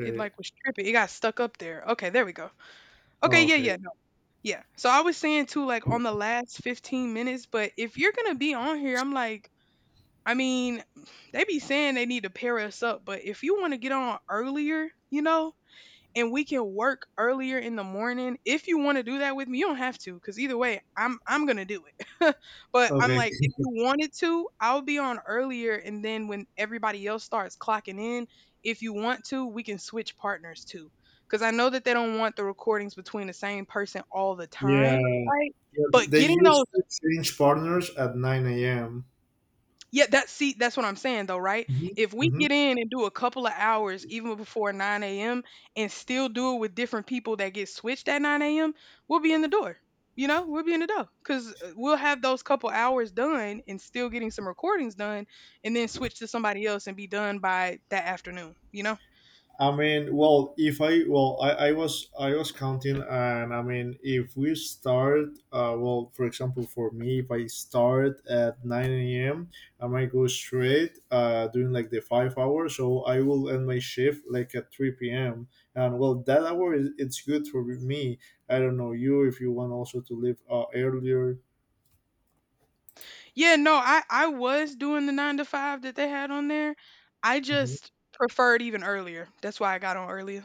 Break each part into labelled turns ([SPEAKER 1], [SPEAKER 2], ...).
[SPEAKER 1] It, like, was tripping. It got stuck up there. Okay, there we go. Okay,
[SPEAKER 2] Oh,
[SPEAKER 1] yeah,
[SPEAKER 2] okay.
[SPEAKER 1] yeah, no. Yeah. So I was saying too, like, on the last 15 minutes, but if you're gonna be on here, I'm like, I mean, they be saying they need to pair us up, but if you wanna get on earlier, you know? And we can work earlier in the morning if you want to do that with me. You don't have to, because either way I'm gonna do it. But I'm
[SPEAKER 2] Okay.
[SPEAKER 1] like, if you wanted to, I'll be on earlier, and then when everybody else starts clocking in, if you want to, we can switch partners too, because I know that they don't want the recordings between the same person all the
[SPEAKER 2] Yeah.
[SPEAKER 1] time, right?
[SPEAKER 2] Yeah.
[SPEAKER 1] But
[SPEAKER 2] They
[SPEAKER 1] getting
[SPEAKER 2] used
[SPEAKER 1] those,
[SPEAKER 2] to change partners at 9 a.m.
[SPEAKER 1] yeah, that's, see, that's what I'm saying though, right?
[SPEAKER 2] Mhm.
[SPEAKER 1] If we get
[SPEAKER 2] Mhm.
[SPEAKER 1] in and do a couple of hours even before 9 a.m. and still do it with different people that get switched at 9 a.m., we'll be in the door. You know, we'll be in the door because we'll have those couple hours done and still getting some recordings done, and then switch to somebody else and be done by that afternoon, you know?
[SPEAKER 2] I mean, well, if I well, I was counting. And I mean, if we start, well, for example, for me, if I start at 9 a.m., I might go straight, doing like the 5 hours, so I will end my shift like at 3 p.m. And well, that hour is it's good for me. I don't know you if you want also to leave earlier.
[SPEAKER 1] Yeah, no, I was doing the nine to five that they had on there. I
[SPEAKER 2] Mhm.
[SPEAKER 1] just preferred even earlier. That's why I got on earlier.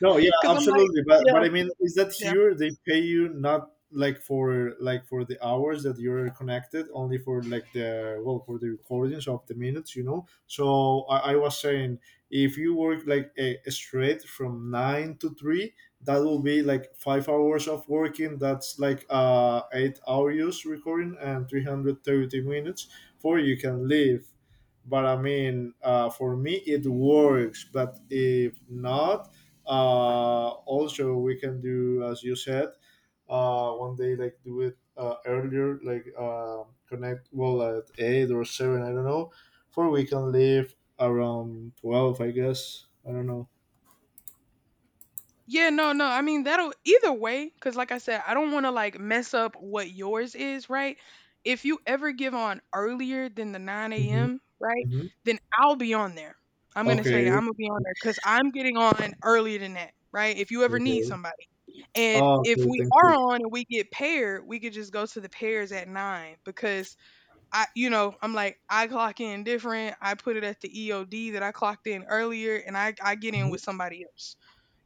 [SPEAKER 2] No, yeah,
[SPEAKER 1] Because I'm like,
[SPEAKER 2] absolutely. But
[SPEAKER 1] yeah.
[SPEAKER 2] but I mean, is that
[SPEAKER 1] Yeah.
[SPEAKER 2] here they pay you not like for the hours that you're connected, only for like the, well, for the recordings of the minutes. So I was saying, if you work like straight from 9 to 3, that will be like 5 hours of working. That's like 8 hours recording and 330 minutes for you can leave. But I mean, for me it works. But if not, also, we can do as you said, one day like do it earlier, like connect, well, at 8 or 7. I don't know, for we can leave around 12, I guess. I don't know.
[SPEAKER 1] Yeah, no, no. I mean, that'll either way, because like I said, I don't want to like mess up what yours is, right? If you ever give on earlier than the 9
[SPEAKER 2] Mm-hmm.
[SPEAKER 1] a.m., right,
[SPEAKER 2] Mm-hmm.
[SPEAKER 1] then I'll be on there. I'm going to tell you, I'm
[SPEAKER 2] Okay.
[SPEAKER 1] going to be on there because I'm getting on earlier than that, right? If you ever need
[SPEAKER 2] Okay.
[SPEAKER 1] somebody. And
[SPEAKER 2] Oh,
[SPEAKER 1] if
[SPEAKER 2] okay.
[SPEAKER 1] we
[SPEAKER 2] Thank
[SPEAKER 1] are
[SPEAKER 2] you.
[SPEAKER 1] on and we get paired, we could just go to the pairs at 9, because I, you know, I'm like, I clock in different. I put it at the EOD that I clocked in earlier, and I get in
[SPEAKER 2] Mhm.
[SPEAKER 1] with somebody else,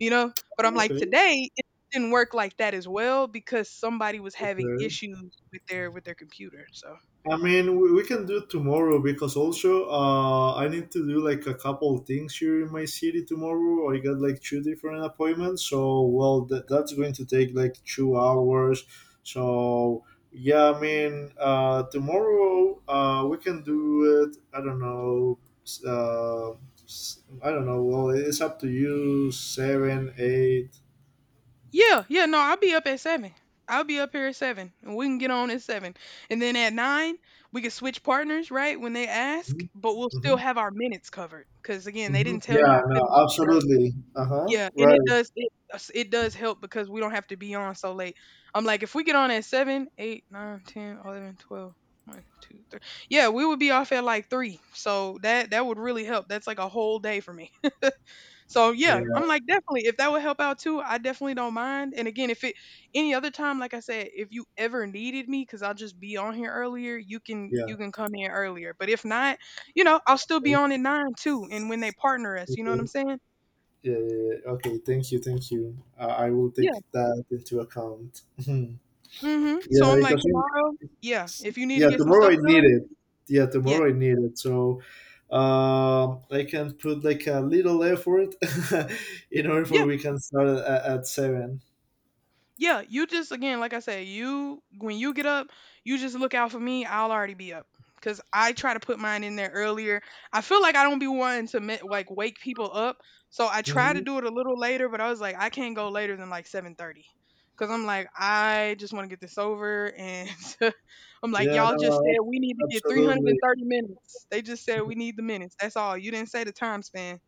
[SPEAKER 1] you know? But I'm like,
[SPEAKER 2] Okay.
[SPEAKER 1] today it didn't work like that as well, because somebody was having
[SPEAKER 2] Okay.
[SPEAKER 1] issues with their computer. So
[SPEAKER 2] I mean, we can do it tomorrow because also I need to do like a couple things here in my city tomorrow. I got like two different appointments, so well that's going to take like 2 hours. So yeah, I mean, tomorrow we can do it. I don't know. s- Uh, I don't know. Well, it's up to you. Seven, eight.
[SPEAKER 1] yeah, yeah, no, I'll be up at seven. I'll be up here at seven, and we can get on at seven. And then at nine, we can switch partners, right? When they ask,
[SPEAKER 2] Hmm.
[SPEAKER 1] but we'll still
[SPEAKER 2] Mm-hmm.
[SPEAKER 1] have our minutes covered. Cause again, they
[SPEAKER 2] Mm-hmm.
[SPEAKER 1] didn't tell me
[SPEAKER 2] Yeah.
[SPEAKER 1] I
[SPEAKER 2] No.
[SPEAKER 1] couldn't log in early.
[SPEAKER 2] Absolutely. Uh huh.
[SPEAKER 1] Yeah, and it
[SPEAKER 2] Right.
[SPEAKER 1] does it does help because we don't have to be on so late. I'm like, if we get on at seven, eight, nine, ten, 11, 12, one, two, three, yeah, we would be off at, like, 3, so that would really help. That's, like, a whole day for me. So, yeah, I'm
[SPEAKER 2] Yeah.
[SPEAKER 1] like, definitely, if that would help out too, I definitely don't mind, and again, if it any other time, like I said, if you ever needed me, because 'cause I'll just be on here earlier, you can
[SPEAKER 2] Yeah.
[SPEAKER 1] you can come in earlier, but if not, you know, I'll still be on at 9 too, and when they partner us, you know what I'm
[SPEAKER 2] Okay.
[SPEAKER 1] saying?
[SPEAKER 2] Yeah, yeah, yeah. Okay, thank you, thank you. I will
[SPEAKER 1] Yeah.
[SPEAKER 2] take that into account.
[SPEAKER 1] Mhm. So
[SPEAKER 2] Yeah,
[SPEAKER 1] I'm like,
[SPEAKER 2] because
[SPEAKER 1] tomorrow, yeah, if you need to
[SPEAKER 2] yeah,
[SPEAKER 1] get some
[SPEAKER 2] tomorrow
[SPEAKER 1] stuff
[SPEAKER 2] I need
[SPEAKER 1] done,
[SPEAKER 2] it. Yeah,
[SPEAKER 1] yeah,
[SPEAKER 2] tomorrow I need it. So I can put like a little effort in order for
[SPEAKER 1] yeah,
[SPEAKER 2] we can start at 7.
[SPEAKER 1] yeah. You just, again, like I said, you when you get up, you just look out for me. I'll already be up because I try to put mine in there earlier. I feel like I don't be wanting to like wake people up, so I try to
[SPEAKER 2] Mm-hmm.
[SPEAKER 1] do it a little later. But I was like, I can't go later than like 7:30. Cause I'm like, I just want to get this over, and I'm like,
[SPEAKER 2] Yeah,
[SPEAKER 1] y'all just
[SPEAKER 2] no,
[SPEAKER 1] said we need to get
[SPEAKER 2] absolutely.
[SPEAKER 1] 330 minutes. They just said we need the minutes. That's all. You didn't say the time span.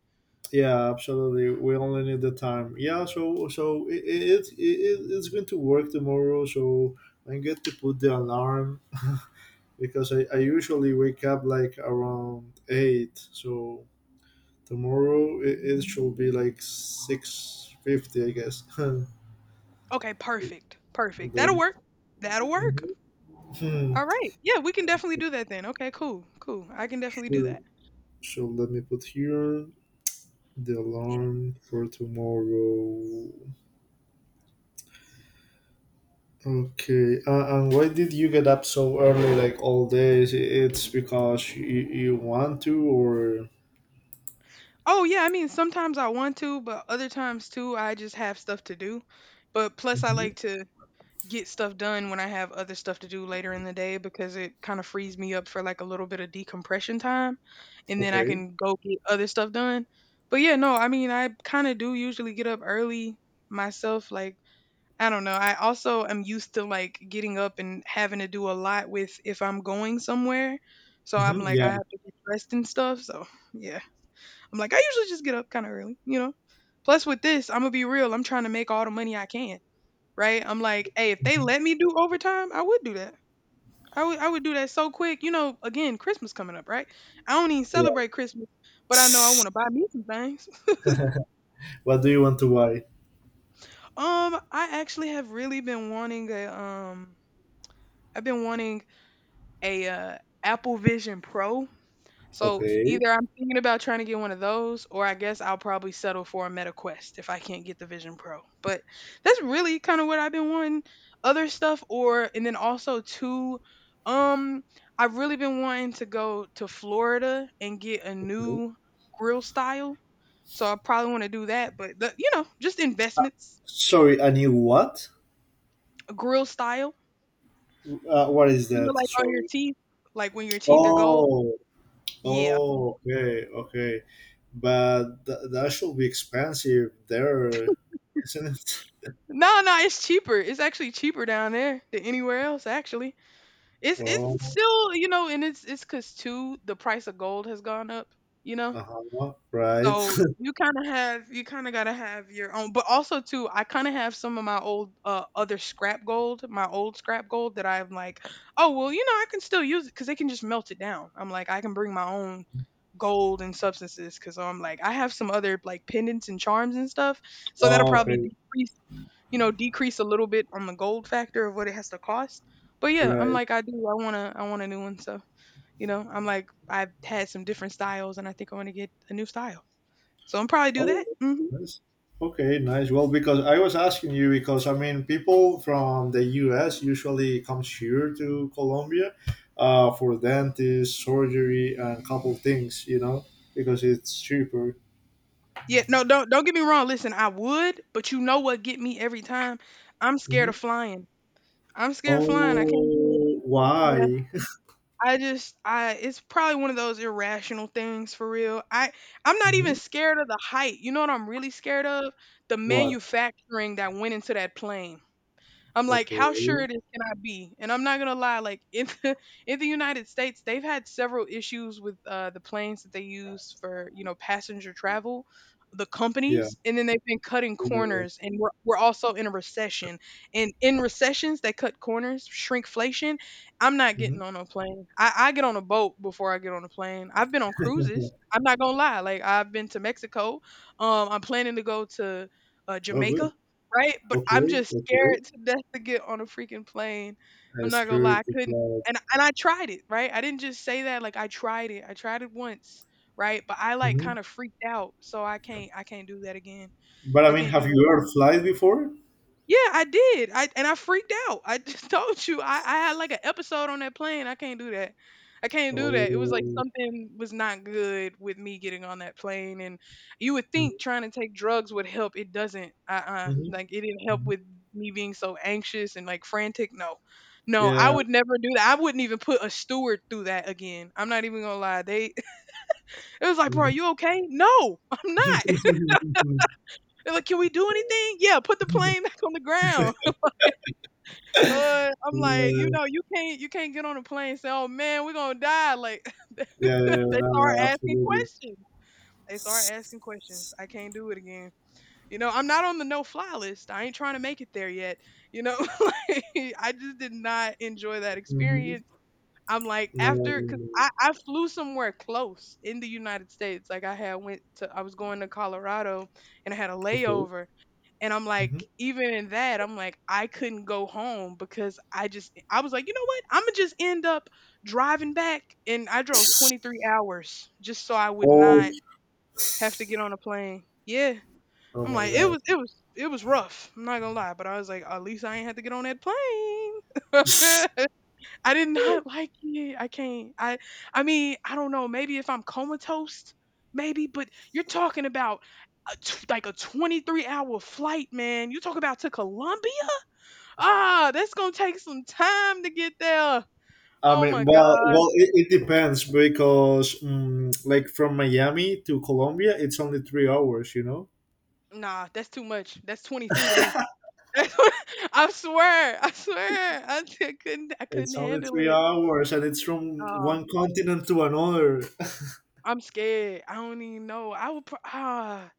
[SPEAKER 2] Yeah, absolutely. We only need the time. Yeah, so it's going to work tomorrow. So I'm going to put the alarm because I usually wake up like around 8. So tomorrow it should be like 6:50, I guess. And
[SPEAKER 1] Okay, perfect. Perfect. That'll
[SPEAKER 2] then
[SPEAKER 1] work. That'll work.
[SPEAKER 2] mhm. Hmm.
[SPEAKER 1] All right. Yeah, we can definitely do that then. Okay, cool. Cool. I can definitely do
[SPEAKER 2] Sure.
[SPEAKER 1] that.
[SPEAKER 2] So let me put here the
[SPEAKER 1] Yeah.
[SPEAKER 2] alarm for tomorrow. Okay. And why did you get up so early, like all days? It's because you want to, or
[SPEAKER 1] Oh, yeah, I mean, sometimes I want to, but other times too, I just have stuff to do. But plus I
[SPEAKER 2] Mhm.
[SPEAKER 1] like to get stuff done when I have other stuff to do later in the day, because it kind of frees me up for like a little bit of decompression time, and then I
[SPEAKER 2] Okay.
[SPEAKER 1] can go get other stuff done. But yeah, no, I mean, I kind of do usually get up early myself, like, I don't know. I also am used to like getting up and having to do a lot with if I'm going somewhere. So I'm
[SPEAKER 2] Hmm.
[SPEAKER 1] like,
[SPEAKER 2] Yeah.
[SPEAKER 1] I have to get dressed and stuff. So yeah, I'm like, I usually just get up kind of early, you know? Plus, with this, I'm going to be real. I'm trying to make all the money I can, right? I'm like, hey, if they
[SPEAKER 2] Mhm.
[SPEAKER 1] let me do overtime, I would do that. I would do that so quick. You know, again, Christmas coming up, right? I don't even celebrate Christmas,
[SPEAKER 2] Yeah.
[SPEAKER 1] but I know I want to buy me some things.
[SPEAKER 2] What do you want to buy?
[SPEAKER 1] I actually have really been wanting a, I've been wanting a Apple Vision Pro. So
[SPEAKER 2] Okay.
[SPEAKER 1] either I'm thinking about trying to get one of those, or I guess I'll probably settle for a Meta Quest if I can't get the Vision Pro. But that's really kind of what I've been wanting. Other stuff, or and then also two. Um, I've really been wanting to go to Florida and get a new grill style. So I probably want to do that. But the, you know, just investments,
[SPEAKER 2] Sorry, a new what?
[SPEAKER 1] a grill style.
[SPEAKER 2] What is
[SPEAKER 1] You know,
[SPEAKER 2] that?
[SPEAKER 1] like on your
[SPEAKER 2] Sorry.
[SPEAKER 1] teeth, like when your teeth are gold.
[SPEAKER 2] Oh,
[SPEAKER 1] Yeah,
[SPEAKER 2] oh, okay, okay. But that should be expensive there, isn't it?
[SPEAKER 1] no, no, it's cheaper. It's actually cheaper down there than anywhere else. Actually, it's
[SPEAKER 2] Oh,
[SPEAKER 1] still, you know, and it's because too the price of gold has gone up. You know,
[SPEAKER 2] uh-huh, right.
[SPEAKER 1] so you kind of have, you kind of gotta have your own, but also too, I kind of have some of my old other scrap gold, my old scrap gold that I'm like, oh well, you know, I can still use it because they can just melt it down. I'm like, I can bring my own gold and substances because I'm like, I have some other like pendants and charms and stuff, so that'll probably
[SPEAKER 2] Okay,
[SPEAKER 1] decrease, you know, decrease a little bit on the gold factor of what it has to cost. But yeah, I'm
[SPEAKER 2] right.
[SPEAKER 1] like, I do. I wanna, I want a new one. So you know, I'm like, I've had some different styles, and I think I want to get a new style. So I'm probably do that.
[SPEAKER 2] Oh,
[SPEAKER 1] Hmm
[SPEAKER 2] nice. Okay, nice. Well, because I was asking you because I mean, people from the U.S. usually comes here to Colombia for dentist, surgery, and couple things, because it's cheaper.
[SPEAKER 1] Yeah, no, don't get me wrong. Listen, I would, but you know what get me every time? I'm scared
[SPEAKER 2] Hmm.
[SPEAKER 1] of flying. I'm scared of flying. I can't do it.
[SPEAKER 2] Oh,
[SPEAKER 1] Yeah,
[SPEAKER 2] why?
[SPEAKER 1] I just I it's probably one of those irrational things for real. I'm not even
[SPEAKER 2] Hmm.
[SPEAKER 1] scared of the height. You know what I'm really scared of? The
[SPEAKER 2] What?
[SPEAKER 1] manufacturing that went into that plane. I'm like, how sure
[SPEAKER 2] Okay.
[SPEAKER 1] it is can I be? And I'm not gonna lie, like in the in the United States, they've had several issues with the planes that they use for, you know, passenger travel, the
[SPEAKER 2] Yeah.
[SPEAKER 1] companies, and then they've been cutting
[SPEAKER 2] Yeah. Yeah.
[SPEAKER 1] corners. And we're also in a recession, and in recessions they cut corners, shrinkflation. I'm not
[SPEAKER 2] Mm-hmm.
[SPEAKER 1] getting on a plane. I get on a boat before I get on a plane. I've been on cruises. I'm not gonna lie. Like I've been to Mexico. I'm planning to go to
[SPEAKER 2] Oh, good.
[SPEAKER 1] Jamaica. Right? But I'm
[SPEAKER 2] Okay.
[SPEAKER 1] just
[SPEAKER 2] Okay.
[SPEAKER 1] scared to death to get on a freaking plane.
[SPEAKER 2] A
[SPEAKER 1] I'm not gonna lie, I
[SPEAKER 2] skirt to
[SPEAKER 1] couldn't,
[SPEAKER 2] fly.
[SPEAKER 1] and I tried it, right? I didn't just say that, like, I tried it. I tried it once, right? But I, like,
[SPEAKER 2] Hmm.
[SPEAKER 1] kinda freaked out, so I can't do that again.
[SPEAKER 2] But I
[SPEAKER 1] I
[SPEAKER 2] mean,
[SPEAKER 1] can't
[SPEAKER 2] have
[SPEAKER 1] do that.
[SPEAKER 2] you ever flied before?
[SPEAKER 1] Yeah, I did. I and I freaked out. I just told you I had like an episode on that plane. I can't do that. I can't do that. It was like
[SPEAKER 2] Oh.
[SPEAKER 1] something was not good with me getting on that plane. And you would
[SPEAKER 2] Mm-hmm.
[SPEAKER 1] think trying to take drugs would help. It doesn't.
[SPEAKER 2] Mm-hmm.
[SPEAKER 1] Like it didn't help
[SPEAKER 2] Mhm.
[SPEAKER 1] with me being so anxious and like frantic. No. No, I
[SPEAKER 2] Yeah.
[SPEAKER 1] would never do that. I wouldn't even put a steward through that again. I'm not even gonna lie. They it was like, bro, are
[SPEAKER 2] Mhm.
[SPEAKER 1] you okay? No, I'm not. They're like, can we do anything? Yeah, put the plane back on the ground. Lord, I'm like, you
[SPEAKER 2] Yeah,
[SPEAKER 1] know, you can't get on a plane and say, "Oh, man, we're gonna die." Like they
[SPEAKER 2] yeah, yeah, no,
[SPEAKER 1] start
[SPEAKER 2] no,
[SPEAKER 1] asking
[SPEAKER 2] absolutely.
[SPEAKER 1] questions. They start asking questions. I can't do it again. You know, I'm not on the no fly list. I ain't trying to make it there yet. You know, like, I just did not enjoy that
[SPEAKER 2] Mhm.
[SPEAKER 1] experience. I'm like,
[SPEAKER 2] No, no,
[SPEAKER 1] after,
[SPEAKER 2] no,
[SPEAKER 1] because
[SPEAKER 2] no.
[SPEAKER 1] I flew somewhere close in the United States. Like I had went to I was going to Colorado and I had a
[SPEAKER 2] Okay.
[SPEAKER 1] layover, and I'm
[SPEAKER 2] Hmm.
[SPEAKER 1] like, even in that, I'm like, I couldn't go home because I just, I was like, you know what? I'm gonna just end up driving back. And I drove 23 hours just so I would
[SPEAKER 2] Oh,
[SPEAKER 1] not have to get on a plane. Yeah.
[SPEAKER 2] oh
[SPEAKER 1] I'm
[SPEAKER 2] my
[SPEAKER 1] like,
[SPEAKER 2] God.
[SPEAKER 1] it was rough. I'm not gonna lie, but I was like, at least I ain't had to get on that plane. I did not like it. I can't. I I don't know. Maybe if I'm comatose, maybe. But you're talking about like a 23-hour flight, man. You talk about to Colombia. Ah, that's gonna take some time to get there.
[SPEAKER 2] I
[SPEAKER 1] Oh
[SPEAKER 2] mean,
[SPEAKER 1] my
[SPEAKER 2] well,
[SPEAKER 1] god.
[SPEAKER 2] well, it depends because, like, from Miami to Colombia, it's only 3 hours. You know,
[SPEAKER 1] Nah, that's too much. That's 23 to me. I swear. I swear. I couldn't. I couldn't
[SPEAKER 2] it's only
[SPEAKER 1] handle
[SPEAKER 2] three
[SPEAKER 1] it.
[SPEAKER 2] hours, and it's from
[SPEAKER 1] Uh,
[SPEAKER 2] one continent to another.
[SPEAKER 1] I'm scared. I don't even know. I would.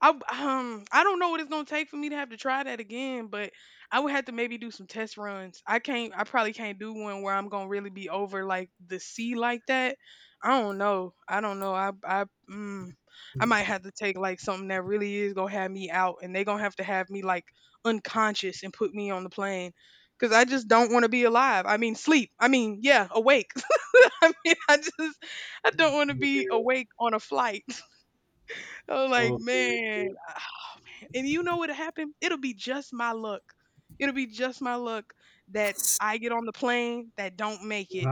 [SPEAKER 1] I I don't know what it's gonna take for me to have to try that again, but I would have to maybe do some test runs. I can't. I probably can't do one where I'm gonna really be over like the sea like that. I don't know. I don't know. I might have to take like something that really is gonna have me out, and they gonna have to have me like unconscious and put me on the plane. Cause I just don't want to be alive. I mean, sleep. I mean, yeah, awake. I mean, I just I don't want to
[SPEAKER 2] Hmm.
[SPEAKER 1] be
[SPEAKER 2] Okay.
[SPEAKER 1] awake on a flight. I was like,
[SPEAKER 2] Okay.
[SPEAKER 1] man. And you know what'll happen? It'll be just my luck. It'll be just my luck that I get on the plane that don't make it.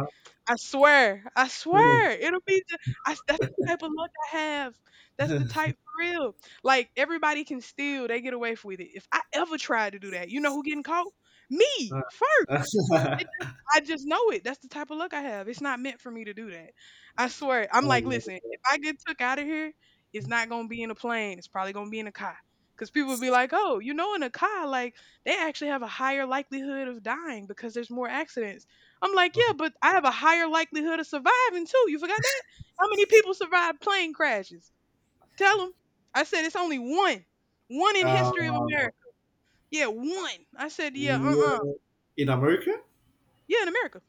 [SPEAKER 1] I swear, I
[SPEAKER 2] Okay.
[SPEAKER 1] swear, I, that's the type of luck I have. That's the type, for real. Like everybody can steal, they get away with it. If I ever try to do that, you know who getting caught? Me
[SPEAKER 2] Uh-huh.
[SPEAKER 1] first.
[SPEAKER 2] Uh,
[SPEAKER 1] It just, I just know it. That's the type of luck I have. It's not meant for me to do that. I swear. I'm
[SPEAKER 2] oh
[SPEAKER 1] like,
[SPEAKER 2] my
[SPEAKER 1] listen, if I get took out of here, it's not gonna be in a plane. It's probably gonna be in a car. Because people be like, oh, you know, in a car, like, they actually have a higher likelihood of dying because there's more accidents. I'm like,
[SPEAKER 2] God.
[SPEAKER 1] yeah, but I have a higher likelihood of surviving too. You forgot that? How many people survive plane crashes? Tell them. I said, it's only one. One in
[SPEAKER 2] Uh,
[SPEAKER 1] history of America. Yeah, one. I said, yeah,
[SPEAKER 2] well, in America?
[SPEAKER 1] yeah, in America.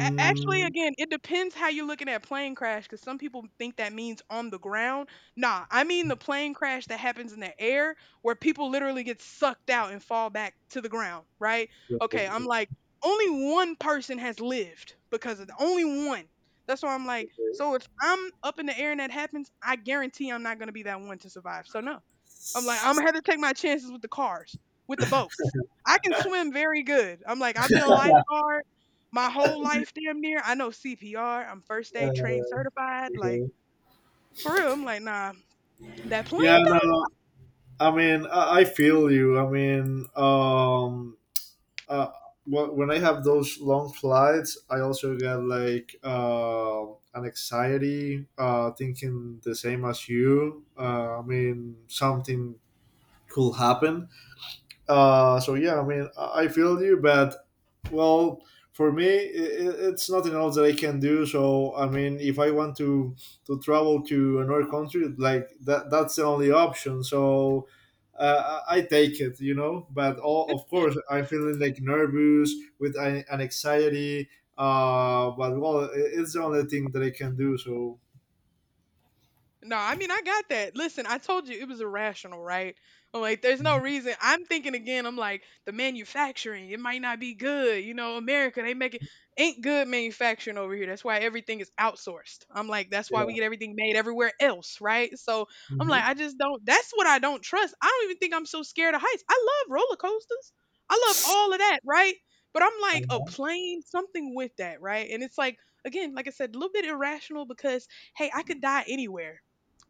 [SPEAKER 1] A Actually, again, it depends how you're looking at plane crash. Because some people think that means on the ground. Nah, I mean the plane crash that happens in the air, where people literally get sucked out and fall back to the ground, right? Okay, I'm
[SPEAKER 2] uh,
[SPEAKER 1] like, only one person has lived, because of the only one. That's why I'm like, so if I'm up in the air and that happens, I guarantee I'm not gonna be that one to survive. So no. I'm like, I'm gonna have to take my chances with the cars, with the boats. I can swim very good. I'm like, I've been a lifeguard my whole life, damn near. I know CPR. I'm first aid trained certified. Like
[SPEAKER 2] okay.
[SPEAKER 1] for real, I'm like, nah, that plane
[SPEAKER 2] Yeah, no,
[SPEAKER 1] though.
[SPEAKER 2] no. I mean, I feel you. I mean, uh, when I have those long flights, I also get like an anxiety, thinking the same as you. I mean, something could happen. So yeah, I mean, I feel you, but well, for me, it's nothing else that I can do. So I mean, if I want to travel to another country, like that's the only option. So I take it. But all, of course, I'm feeling like nervous with an anxiety. But well, it's the only thing that I can do. So
[SPEAKER 1] No, I mean, I got that. Listen, I told you it was irrational, right? I'm like, there's no
[SPEAKER 2] Mhm.
[SPEAKER 1] reason. I'm thinking again, I'm like, the manufacturing, it might not be good. You know, America, they make it ain't good manufacturing over here. That's why everything is outsourced. I'm like, that's why we
[SPEAKER 2] Yeah.
[SPEAKER 1] get everything made everywhere else, right? So I'm like,
[SPEAKER 2] Hmm.
[SPEAKER 1] I just don't, that's what I don't trust. I don't even think I'm so scared of heights. I love roller coasters, I love all of that, right? But I'm like, a plane, something with that, right? And it's like, again, like I said, a little bit irrational because hey, I could die anywhere.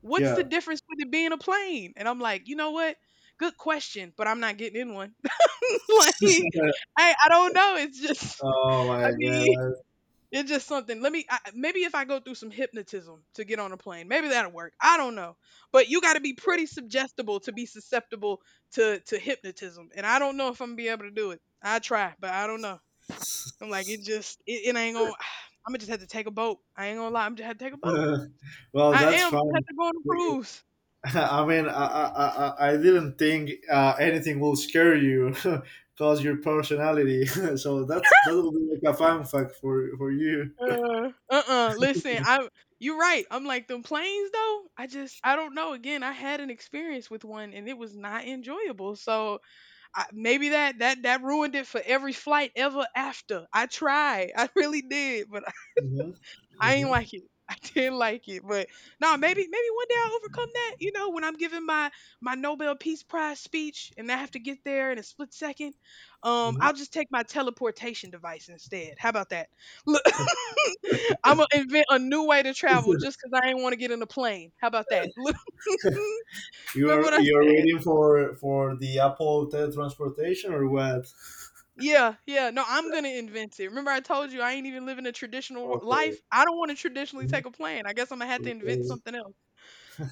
[SPEAKER 1] What's the
[SPEAKER 2] Yeah.
[SPEAKER 1] difference with it being a plane? And I'm like, you know what? Good question, but I'm not getting in one. like, I don't know. It's just,
[SPEAKER 2] Oh
[SPEAKER 1] I
[SPEAKER 2] my
[SPEAKER 1] mean,
[SPEAKER 2] god.
[SPEAKER 1] it's just something. Maybe if I go through some hypnotism to get on a plane, maybe that'll work. I don't know. But you got to be pretty suggestible to be susceptible to hypnotism. And I don't know if I'm going to be able to do it. I try, but I don't know. I'm like, it just, it ain't going, to I'm going to just have to take a boat. I ain't going to lie. I'm just have to take a boat.
[SPEAKER 2] Well,
[SPEAKER 1] I
[SPEAKER 2] that's
[SPEAKER 1] am. I'm going to have
[SPEAKER 2] fun.
[SPEAKER 1] to go on a cruise.
[SPEAKER 2] I mean, I didn't think anything will scare you because your personality. So that will be like a fun fact for you.
[SPEAKER 1] Uh-uh. Listen, I you're right. I'm like them planes though. I just I don't know. Again, I had an experience with one and it was not enjoyable. So I, maybe that ruined it for every flight ever after. I tried. I really did, but
[SPEAKER 2] Hmm.
[SPEAKER 1] I ain't
[SPEAKER 2] Hmm.
[SPEAKER 1] like it. I didn't like it, but no, maybe one day I'll overcome that. You know, when I'm giving my Nobel Peace Prize speech and I have to get there in a split second,
[SPEAKER 2] Hmm.
[SPEAKER 1] I'll just take my teleportation device instead. How about that? Look, I'm gonna invent a new way to travel just because I ain't want to get in a plane. How about that? Look,
[SPEAKER 2] You
[SPEAKER 1] remember
[SPEAKER 2] are
[SPEAKER 1] what I
[SPEAKER 2] you are
[SPEAKER 1] said?
[SPEAKER 2] waiting for the Apple teletransportation or what?
[SPEAKER 1] Yeah, yeah. No, I'm gonna invent it. Remember, I told you I ain't even living a traditional
[SPEAKER 2] Okay.
[SPEAKER 1] life. I don't want to traditionally
[SPEAKER 2] Mhm.
[SPEAKER 1] take a plane. I guess I'm gonna have to invent
[SPEAKER 2] Okay.
[SPEAKER 1] something else.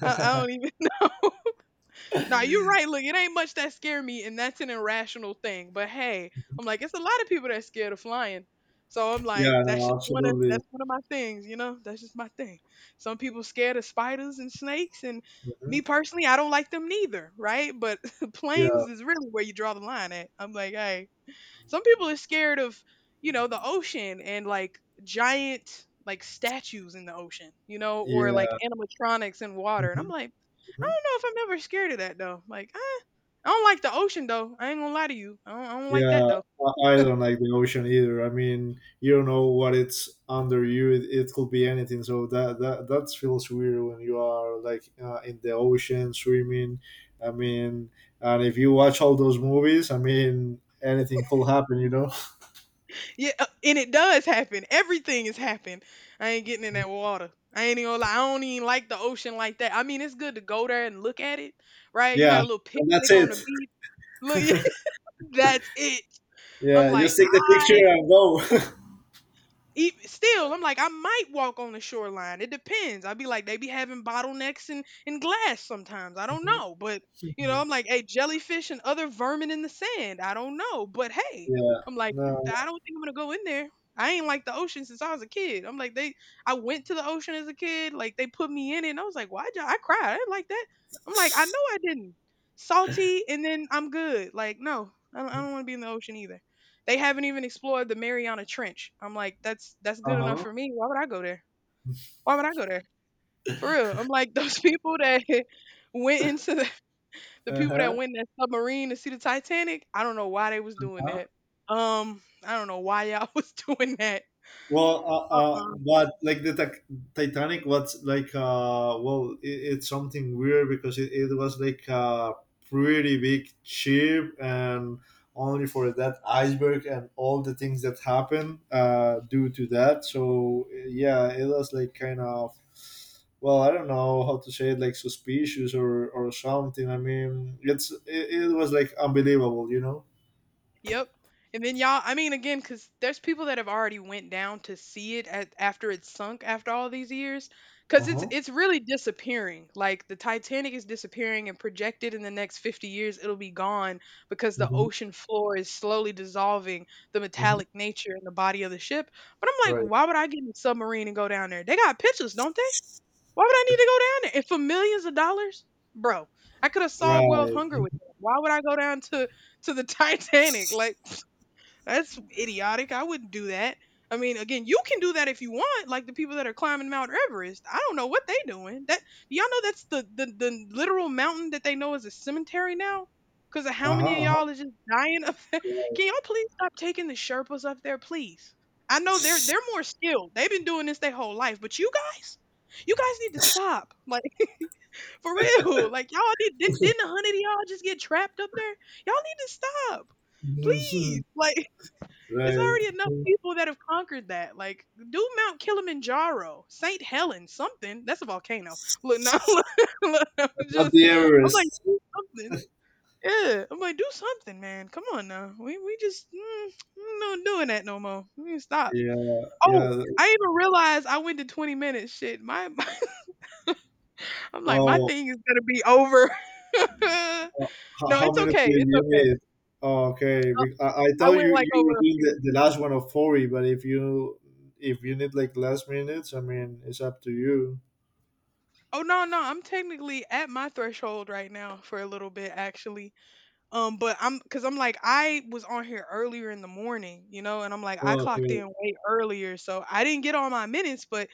[SPEAKER 1] I don't even. Nah, you're right. Look, it ain't much that scare me, and that's an irrational thing. But hey, I'm like, it's a lot of people that's scared of flying. So I'm like,
[SPEAKER 2] Yeah. No. Absolutely.
[SPEAKER 1] that's one of my things, you know. That's just my thing. Some people scared of spiders and snakes, and
[SPEAKER 2] Hmm.
[SPEAKER 1] me personally, I don't like them neither, right? But
[SPEAKER 2] Yeah.
[SPEAKER 1] planes is really where you draw the line at. I'm like, hey, some people are scared of, you know, the ocean and like giant like statues in the ocean, you know, or like
[SPEAKER 2] Yeah.
[SPEAKER 1] animatronics in water. And I'm
[SPEAKER 2] Hmm.
[SPEAKER 1] like, I don't know if I'm ever scared of that though. Like, eh, I don't like the ocean though. I ain't gonna lie to you. I don't like that
[SPEAKER 2] Yeah,
[SPEAKER 1] though.
[SPEAKER 2] I don't like the ocean either. I mean, you don't know what it's under you. It could be anything. So that feels weird when you are like in the ocean swimming. I mean, and if you watch all those movies, I mean, anything could happen. You know?
[SPEAKER 1] Yeah, and it does happen. Everything has happened. I ain't getting in that water. I ain't even gonna lie. I don't even like the ocean like that. I mean, it's good to go there and look at it, right? You got
[SPEAKER 2] Yeah,
[SPEAKER 1] a little
[SPEAKER 2] and that's
[SPEAKER 1] picnic on
[SPEAKER 2] it.
[SPEAKER 1] the beach. Look, that's it. I'm
[SPEAKER 2] Yeah,
[SPEAKER 1] like,
[SPEAKER 2] just take the
[SPEAKER 1] I
[SPEAKER 2] picture and go.
[SPEAKER 1] still, I'm like, I might walk on the shoreline. It depends. I'd be like, they be having bottlenecks and glass sometimes. I don't know. But, you know, I'm like, hey, jellyfish and other vermin in the sand. I don't know. But hey,
[SPEAKER 2] Yeah.
[SPEAKER 1] I'm like, I
[SPEAKER 2] No.
[SPEAKER 1] don't think I'm going to go in there. I ain't like the ocean since I was a kid. I'm like, I went to the ocean as a kid. Like, they put me in it. And I was like, why'd y'all, I cried. I didn't like that. I'm like, I know I didn't. Salty and then I'm good. Like, no, I don't want to be in the ocean either. They haven't even explored the Mariana Trench. I'm like, that's
[SPEAKER 2] Uh
[SPEAKER 1] good enough
[SPEAKER 2] huh.
[SPEAKER 1] for me. Why would I go there? Why would I go there? For real. I'm like, those people that went into the
[SPEAKER 2] Uh
[SPEAKER 1] people that
[SPEAKER 2] huh.
[SPEAKER 1] went in that submarine to see the Titanic, I don't know why they was doing that. I don't know why y'all was doing that.
[SPEAKER 2] Well,
[SPEAKER 1] Uh-uh.
[SPEAKER 2] but like the Tac Titanic was like, well, it's something weird because it was like a pretty big ship and only for that iceberg and all the things that happened due to that. So, yeah, it was like kind of, well, I don't know how to say it, like suspicious or something. I mean, it was like unbelievable, you know?
[SPEAKER 1] Yep. And then y'all, I mean, again, because there's people that have already went down to see it at, after it's sunk after all these years, because
[SPEAKER 2] Uh huh.
[SPEAKER 1] it's really disappearing. Like the Titanic is disappearing, and projected in the next 50 years, it'll be gone because the
[SPEAKER 2] Mm-hmm.
[SPEAKER 1] ocean floor is slowly dissolving the
[SPEAKER 2] Mm-hmm.
[SPEAKER 1] metallic nature in the body of the ship. But I'm like,
[SPEAKER 2] Right.
[SPEAKER 1] why would I get in a submarine and go down there? They got pictures, don't they? Why would I need to go down there? And for millions of dollars, bro, I could have solved world
[SPEAKER 2] Right.
[SPEAKER 1] hunger with that. Why would I go down to the Titanic? Like that's idiotic. I wouldn't do that. I mean, again, you can do that if you want, like the people that are climbing Mount Everest. I don't know what they doing. That do y'all know that's the literal mountain that they know is a cemetery now? Because of
[SPEAKER 2] Uh
[SPEAKER 1] how many of y'all
[SPEAKER 2] huh.
[SPEAKER 1] is just dying up there.
[SPEAKER 2] Uh
[SPEAKER 1] Can y'all please stop taking the Sherpas up there, please? I know they're
[SPEAKER 2] huh.
[SPEAKER 1] they're more skilled. They've been doing this their whole life, but you guys need to stop. Like for real. Like y'all need, didn't a hundred of y'all just get trapped up there? Y'all need to stop please
[SPEAKER 2] Mhm.
[SPEAKER 1] like it's
[SPEAKER 2] Right.
[SPEAKER 1] already enough people that have conquered that. Like, do Mount Kilimanjaro, St. Helen, something. That's a volcano. Look, now, look, look, I'm
[SPEAKER 2] Not
[SPEAKER 1] just,
[SPEAKER 2] the
[SPEAKER 1] I'm like,
[SPEAKER 2] Everest.
[SPEAKER 1] do something. Yeah, I'm like, do something, man. Come on now. We just we not doing that no more. We need to stop.
[SPEAKER 2] Yeah.
[SPEAKER 1] Oh,
[SPEAKER 2] Yeah.
[SPEAKER 1] I even realized I went to 20 minutes. Shit, my I'm like, my
[SPEAKER 2] Oh,
[SPEAKER 1] thing is gonna be over.
[SPEAKER 2] how,
[SPEAKER 1] No,
[SPEAKER 2] how
[SPEAKER 1] it's
[SPEAKER 2] many did
[SPEAKER 1] okay. It's
[SPEAKER 2] you
[SPEAKER 1] okay.
[SPEAKER 2] need? Oh, okay.
[SPEAKER 1] I
[SPEAKER 2] I
[SPEAKER 1] I
[SPEAKER 2] thought you,
[SPEAKER 1] went like
[SPEAKER 2] you were
[SPEAKER 1] over a
[SPEAKER 2] doing
[SPEAKER 1] few.
[SPEAKER 2] the last one of 40, but if you need like last minutes, I mean, it's up to you.
[SPEAKER 1] Oh no, no, I'm technically at my threshold right now for a little bit actually. But I'm cause I'm like I was on here earlier in the morning, you know, and I'm like I
[SPEAKER 2] Oh,
[SPEAKER 1] clocked
[SPEAKER 2] okay.
[SPEAKER 1] in way earlier, so I didn't get all my minutes, but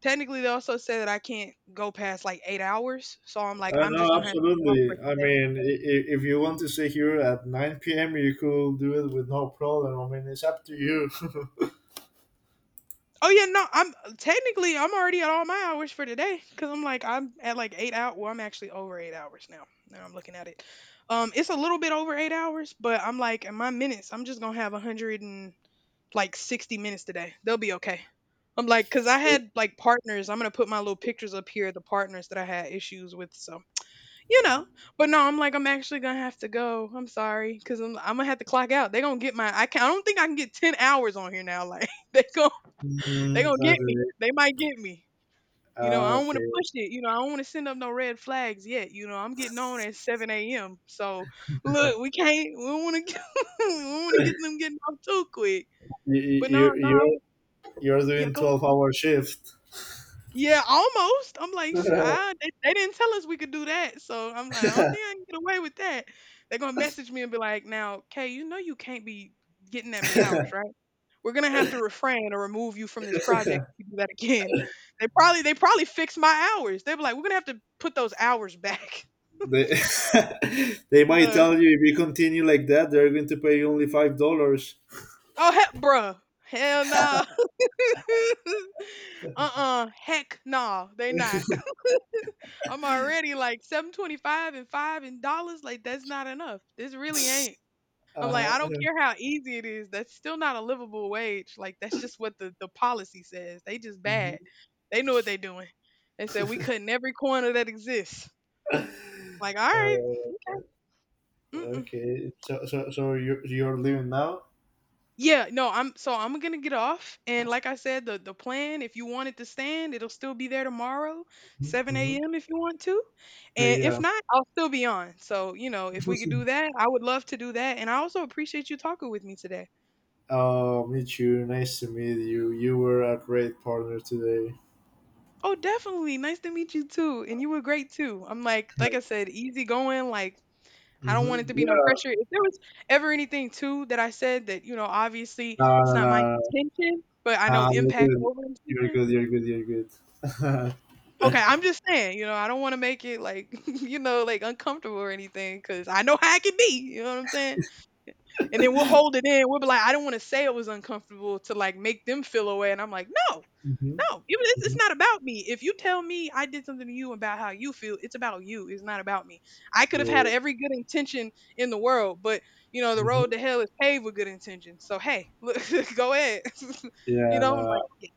[SPEAKER 1] technically they also said that I can't go past like 8 hours. So I'm like, I'm
[SPEAKER 2] No,
[SPEAKER 1] just gonna have to get off for.
[SPEAKER 2] absolutely. I mean, if you want to stay here at 9 p.m., you could do it with no problem. I mean, it's up to you.
[SPEAKER 1] Oh yeah, no, I'm technically I'm already at all my hours for today because I'm like I'm at like eight out. Well, I'm actually over 8 hours now. Now I'm looking at it. It's a little bit over 8 hours, but I'm like in my minutes, I'm just gonna have 100 and like 60 minutes today. They'll be okay. I'm like, cause I had like partners. I'm gonna put my little pictures up here. The partners that I had issues with, so you know. But no, I'm like, I'm actually gonna have to go. I'm sorry, cause I'm gonna have to clock out. They gonna get my. I can. I don't think I can get 10 hours on here now. Like they gonna. They
[SPEAKER 2] Mm,
[SPEAKER 1] gonna get me.
[SPEAKER 2] okay.
[SPEAKER 1] They might get me. You know, I
[SPEAKER 2] Ah,
[SPEAKER 1] don't want to
[SPEAKER 2] okay.
[SPEAKER 1] push it. You know, I don't want to send up no red flags yet. You know, I'm getting on at 7 a.m. So look, we can't. We don't want to. We don't want to get them getting off too quick.
[SPEAKER 2] You,
[SPEAKER 1] But no,
[SPEAKER 2] you,
[SPEAKER 1] no, I was-
[SPEAKER 2] you're you're
[SPEAKER 1] yeah,
[SPEAKER 2] doing
[SPEAKER 1] go.
[SPEAKER 2] 12-hour shift.
[SPEAKER 1] Yeah, almost. I'm like, "Sh- I, they didn't tell us we could do that." So I'm like, I don't think I can get away with that. They're gonna message me and be like, "Now, Kay, you know you can't be getting that many hours, right? We're gonna have to refrain or remove you from this project if you do that again." They probably fixed my hours. They were like, "We're gonna have to put those hours back."
[SPEAKER 2] They, they might
[SPEAKER 1] No.
[SPEAKER 2] tell you if you continue like that they're going to pay you only $5.
[SPEAKER 1] Oh heck, bruh. Hell no. Uh-uh. Heck no. They not. I'm already like 725 and five in dollars. Like that's not enough. This really ain't. I'm like,
[SPEAKER 2] Uh-huh.
[SPEAKER 1] I don't care how easy it is. That's still not a livable wage. Like that's just what the policy says. They just
[SPEAKER 2] Mhm.
[SPEAKER 1] bad. They know what they're doing. They said we cutting every corner that exists. Like, all
[SPEAKER 2] Uh,
[SPEAKER 1] right. Mm-mm.
[SPEAKER 2] okay, so, you're leaving now.
[SPEAKER 1] Yeah, no, I'm so I'm gonna get off. And like I said, the plan, if you want it to stand, it'll still be there tomorrow, 7
[SPEAKER 2] Mm-hmm.
[SPEAKER 1] a.m. if you want to.
[SPEAKER 2] Okay,
[SPEAKER 1] And if
[SPEAKER 2] yeah.
[SPEAKER 1] not, I'll still be on. So, you know, if we could do that, I would love to do that. And I also appreciate you talking with me today.
[SPEAKER 2] Meet you nice to meet You were a great partner today.
[SPEAKER 1] Oh, definitely. Nice to meet you too. And you were great too. I'm like I said, easy going. Like, I don't want it
[SPEAKER 2] Hmm.
[SPEAKER 1] to be no
[SPEAKER 2] Yeah.
[SPEAKER 1] pressure. If there was ever anything too that I said that, you know, obviously
[SPEAKER 2] No,
[SPEAKER 1] it's
[SPEAKER 2] no,
[SPEAKER 1] not my
[SPEAKER 2] no,
[SPEAKER 1] intention, but I
[SPEAKER 2] no. No.
[SPEAKER 1] know
[SPEAKER 2] Nah, you're
[SPEAKER 1] impact
[SPEAKER 2] good,
[SPEAKER 1] over
[SPEAKER 2] you're
[SPEAKER 1] intention.
[SPEAKER 2] good, you're good, you're good.
[SPEAKER 1] Okay, I'm just saying, you know, I don't want to make it like, you know, like uncomfortable or anything because I know how it can be. You know what I'm saying? And then we'll hold it in. We'll be like, I don't want to say it was uncomfortable to like make them feel away. And I'm like, no.
[SPEAKER 2] Hmm.
[SPEAKER 1] No, even it's
[SPEAKER 2] Hmm.
[SPEAKER 1] not about me. If you tell me I did something to you about how you feel, it's about you. It's not about me. I could have had
[SPEAKER 2] Yeah.
[SPEAKER 1] every good intention in the world, but you know the road
[SPEAKER 2] Hmm.
[SPEAKER 1] to hell is paved with good intentions. So hey, look, go ahead. You
[SPEAKER 2] Yeah,
[SPEAKER 1] know, I'm like,
[SPEAKER 2] no,
[SPEAKER 1] yeah.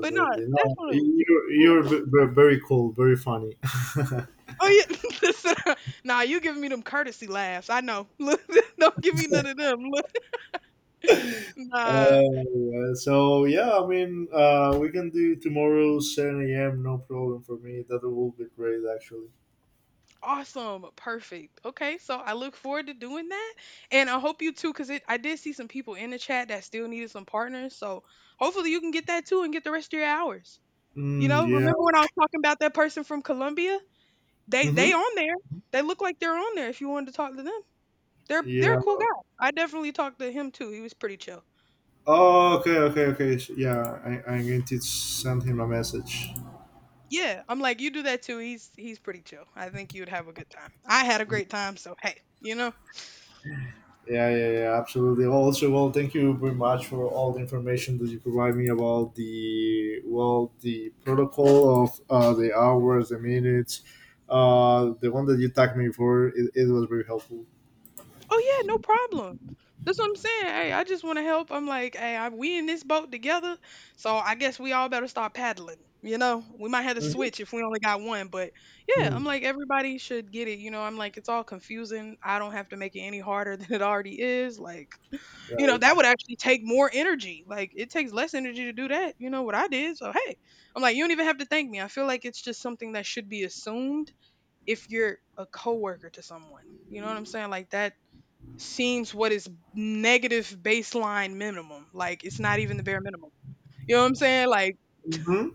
[SPEAKER 1] But no,
[SPEAKER 2] No,
[SPEAKER 1] definitely,
[SPEAKER 2] you're
[SPEAKER 1] yeah.
[SPEAKER 2] very cool, very funny. uh,
[SPEAKER 1] Oh yeah, listen, nah, you giving me them courtesy laughs. I know. Look, don't give me none of them. Look, nah.
[SPEAKER 2] so yeah, I mean, we can do tomorrow 7 a.m. No problem for me. That will be great, actually.
[SPEAKER 1] Awesome. Perfect. Okay. So I look forward to doing that. And I hope you too, because I did see some people in the chat that still needed some partners. So hopefully you can get that too and get the rest of your hours. You
[SPEAKER 2] Mm,
[SPEAKER 1] know,
[SPEAKER 2] yeah.
[SPEAKER 1] remember when I was talking about that person from Colombia? They
[SPEAKER 2] Mm-hmm.
[SPEAKER 1] they on there. They look like they're on there if you wanted to talk to them. They're a
[SPEAKER 2] Yeah.
[SPEAKER 1] cool guy. I definitely talked to him too. He was pretty chill.
[SPEAKER 2] Oh, okay, okay, okay. So, yeah, I'm going to send him a message.
[SPEAKER 1] Yeah. I'm like, you do that too. He's pretty chill. I think you'd have a good time. I had a great time, so hey, you know.
[SPEAKER 2] Yeah, yeah, yeah, absolutely. Also, well, thank you very much for all the information that you provide me about the protocol of the hours, the minutes, the one that you tagged me for. It was very helpful.
[SPEAKER 1] Oh yeah, no problem. That's what I'm saying. Hey, I just want to help. I'm like, hey, I, we in this boat together, so I guess we all better start paddling. You know, we might have to switch if we only got one, but yeah, I'm
[SPEAKER 2] Mhm.
[SPEAKER 1] like everybody should get it. You know, I'm like it's all confusing. I don't have to make it any harder than it already is. Like, you know,
[SPEAKER 2] Right.
[SPEAKER 1] that would actually take more energy. Like, it takes less energy to do that. You know what I did? So hey, I'm like you don't even have to thank me. I feel like it's just something that should be assumed if you're a coworker to someone. You know what I'm saying? Like that seems what is negative baseline minimum. Like it's not even the bare minimum. You know what I'm saying? Like
[SPEAKER 2] Hmm.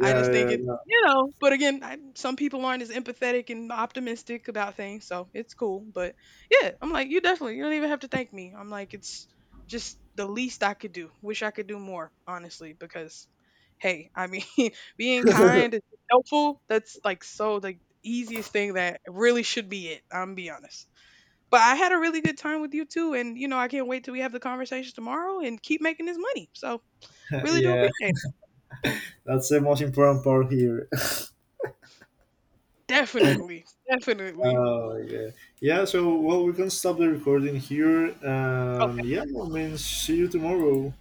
[SPEAKER 1] I
[SPEAKER 2] Yeah,
[SPEAKER 1] just think it's
[SPEAKER 2] yeah,
[SPEAKER 1] you know, but again, I, some people aren't as empathetic and optimistic about things, so it's cool. But yeah, I'm like, you definitely, you don't even have to thank me. I'm like, it's just the least I could do. Wish I could do more, honestly, because hey, I mean, being kind and helpful, that's like so the easiest thing that really should be it. I'm be honest. But I had a really good time with you too. And, you know, I can't wait till we have the conversation tomorrow and keep making this money. So,
[SPEAKER 2] yeah.
[SPEAKER 1] really do
[SPEAKER 2] Yeah,
[SPEAKER 1] appreciate it.
[SPEAKER 2] that's the most important part here.
[SPEAKER 1] Definitely. Definitely.
[SPEAKER 2] Oh yeah, yeah. So well, we can stop the recording here, and yeah, I mean, see you tomorrow.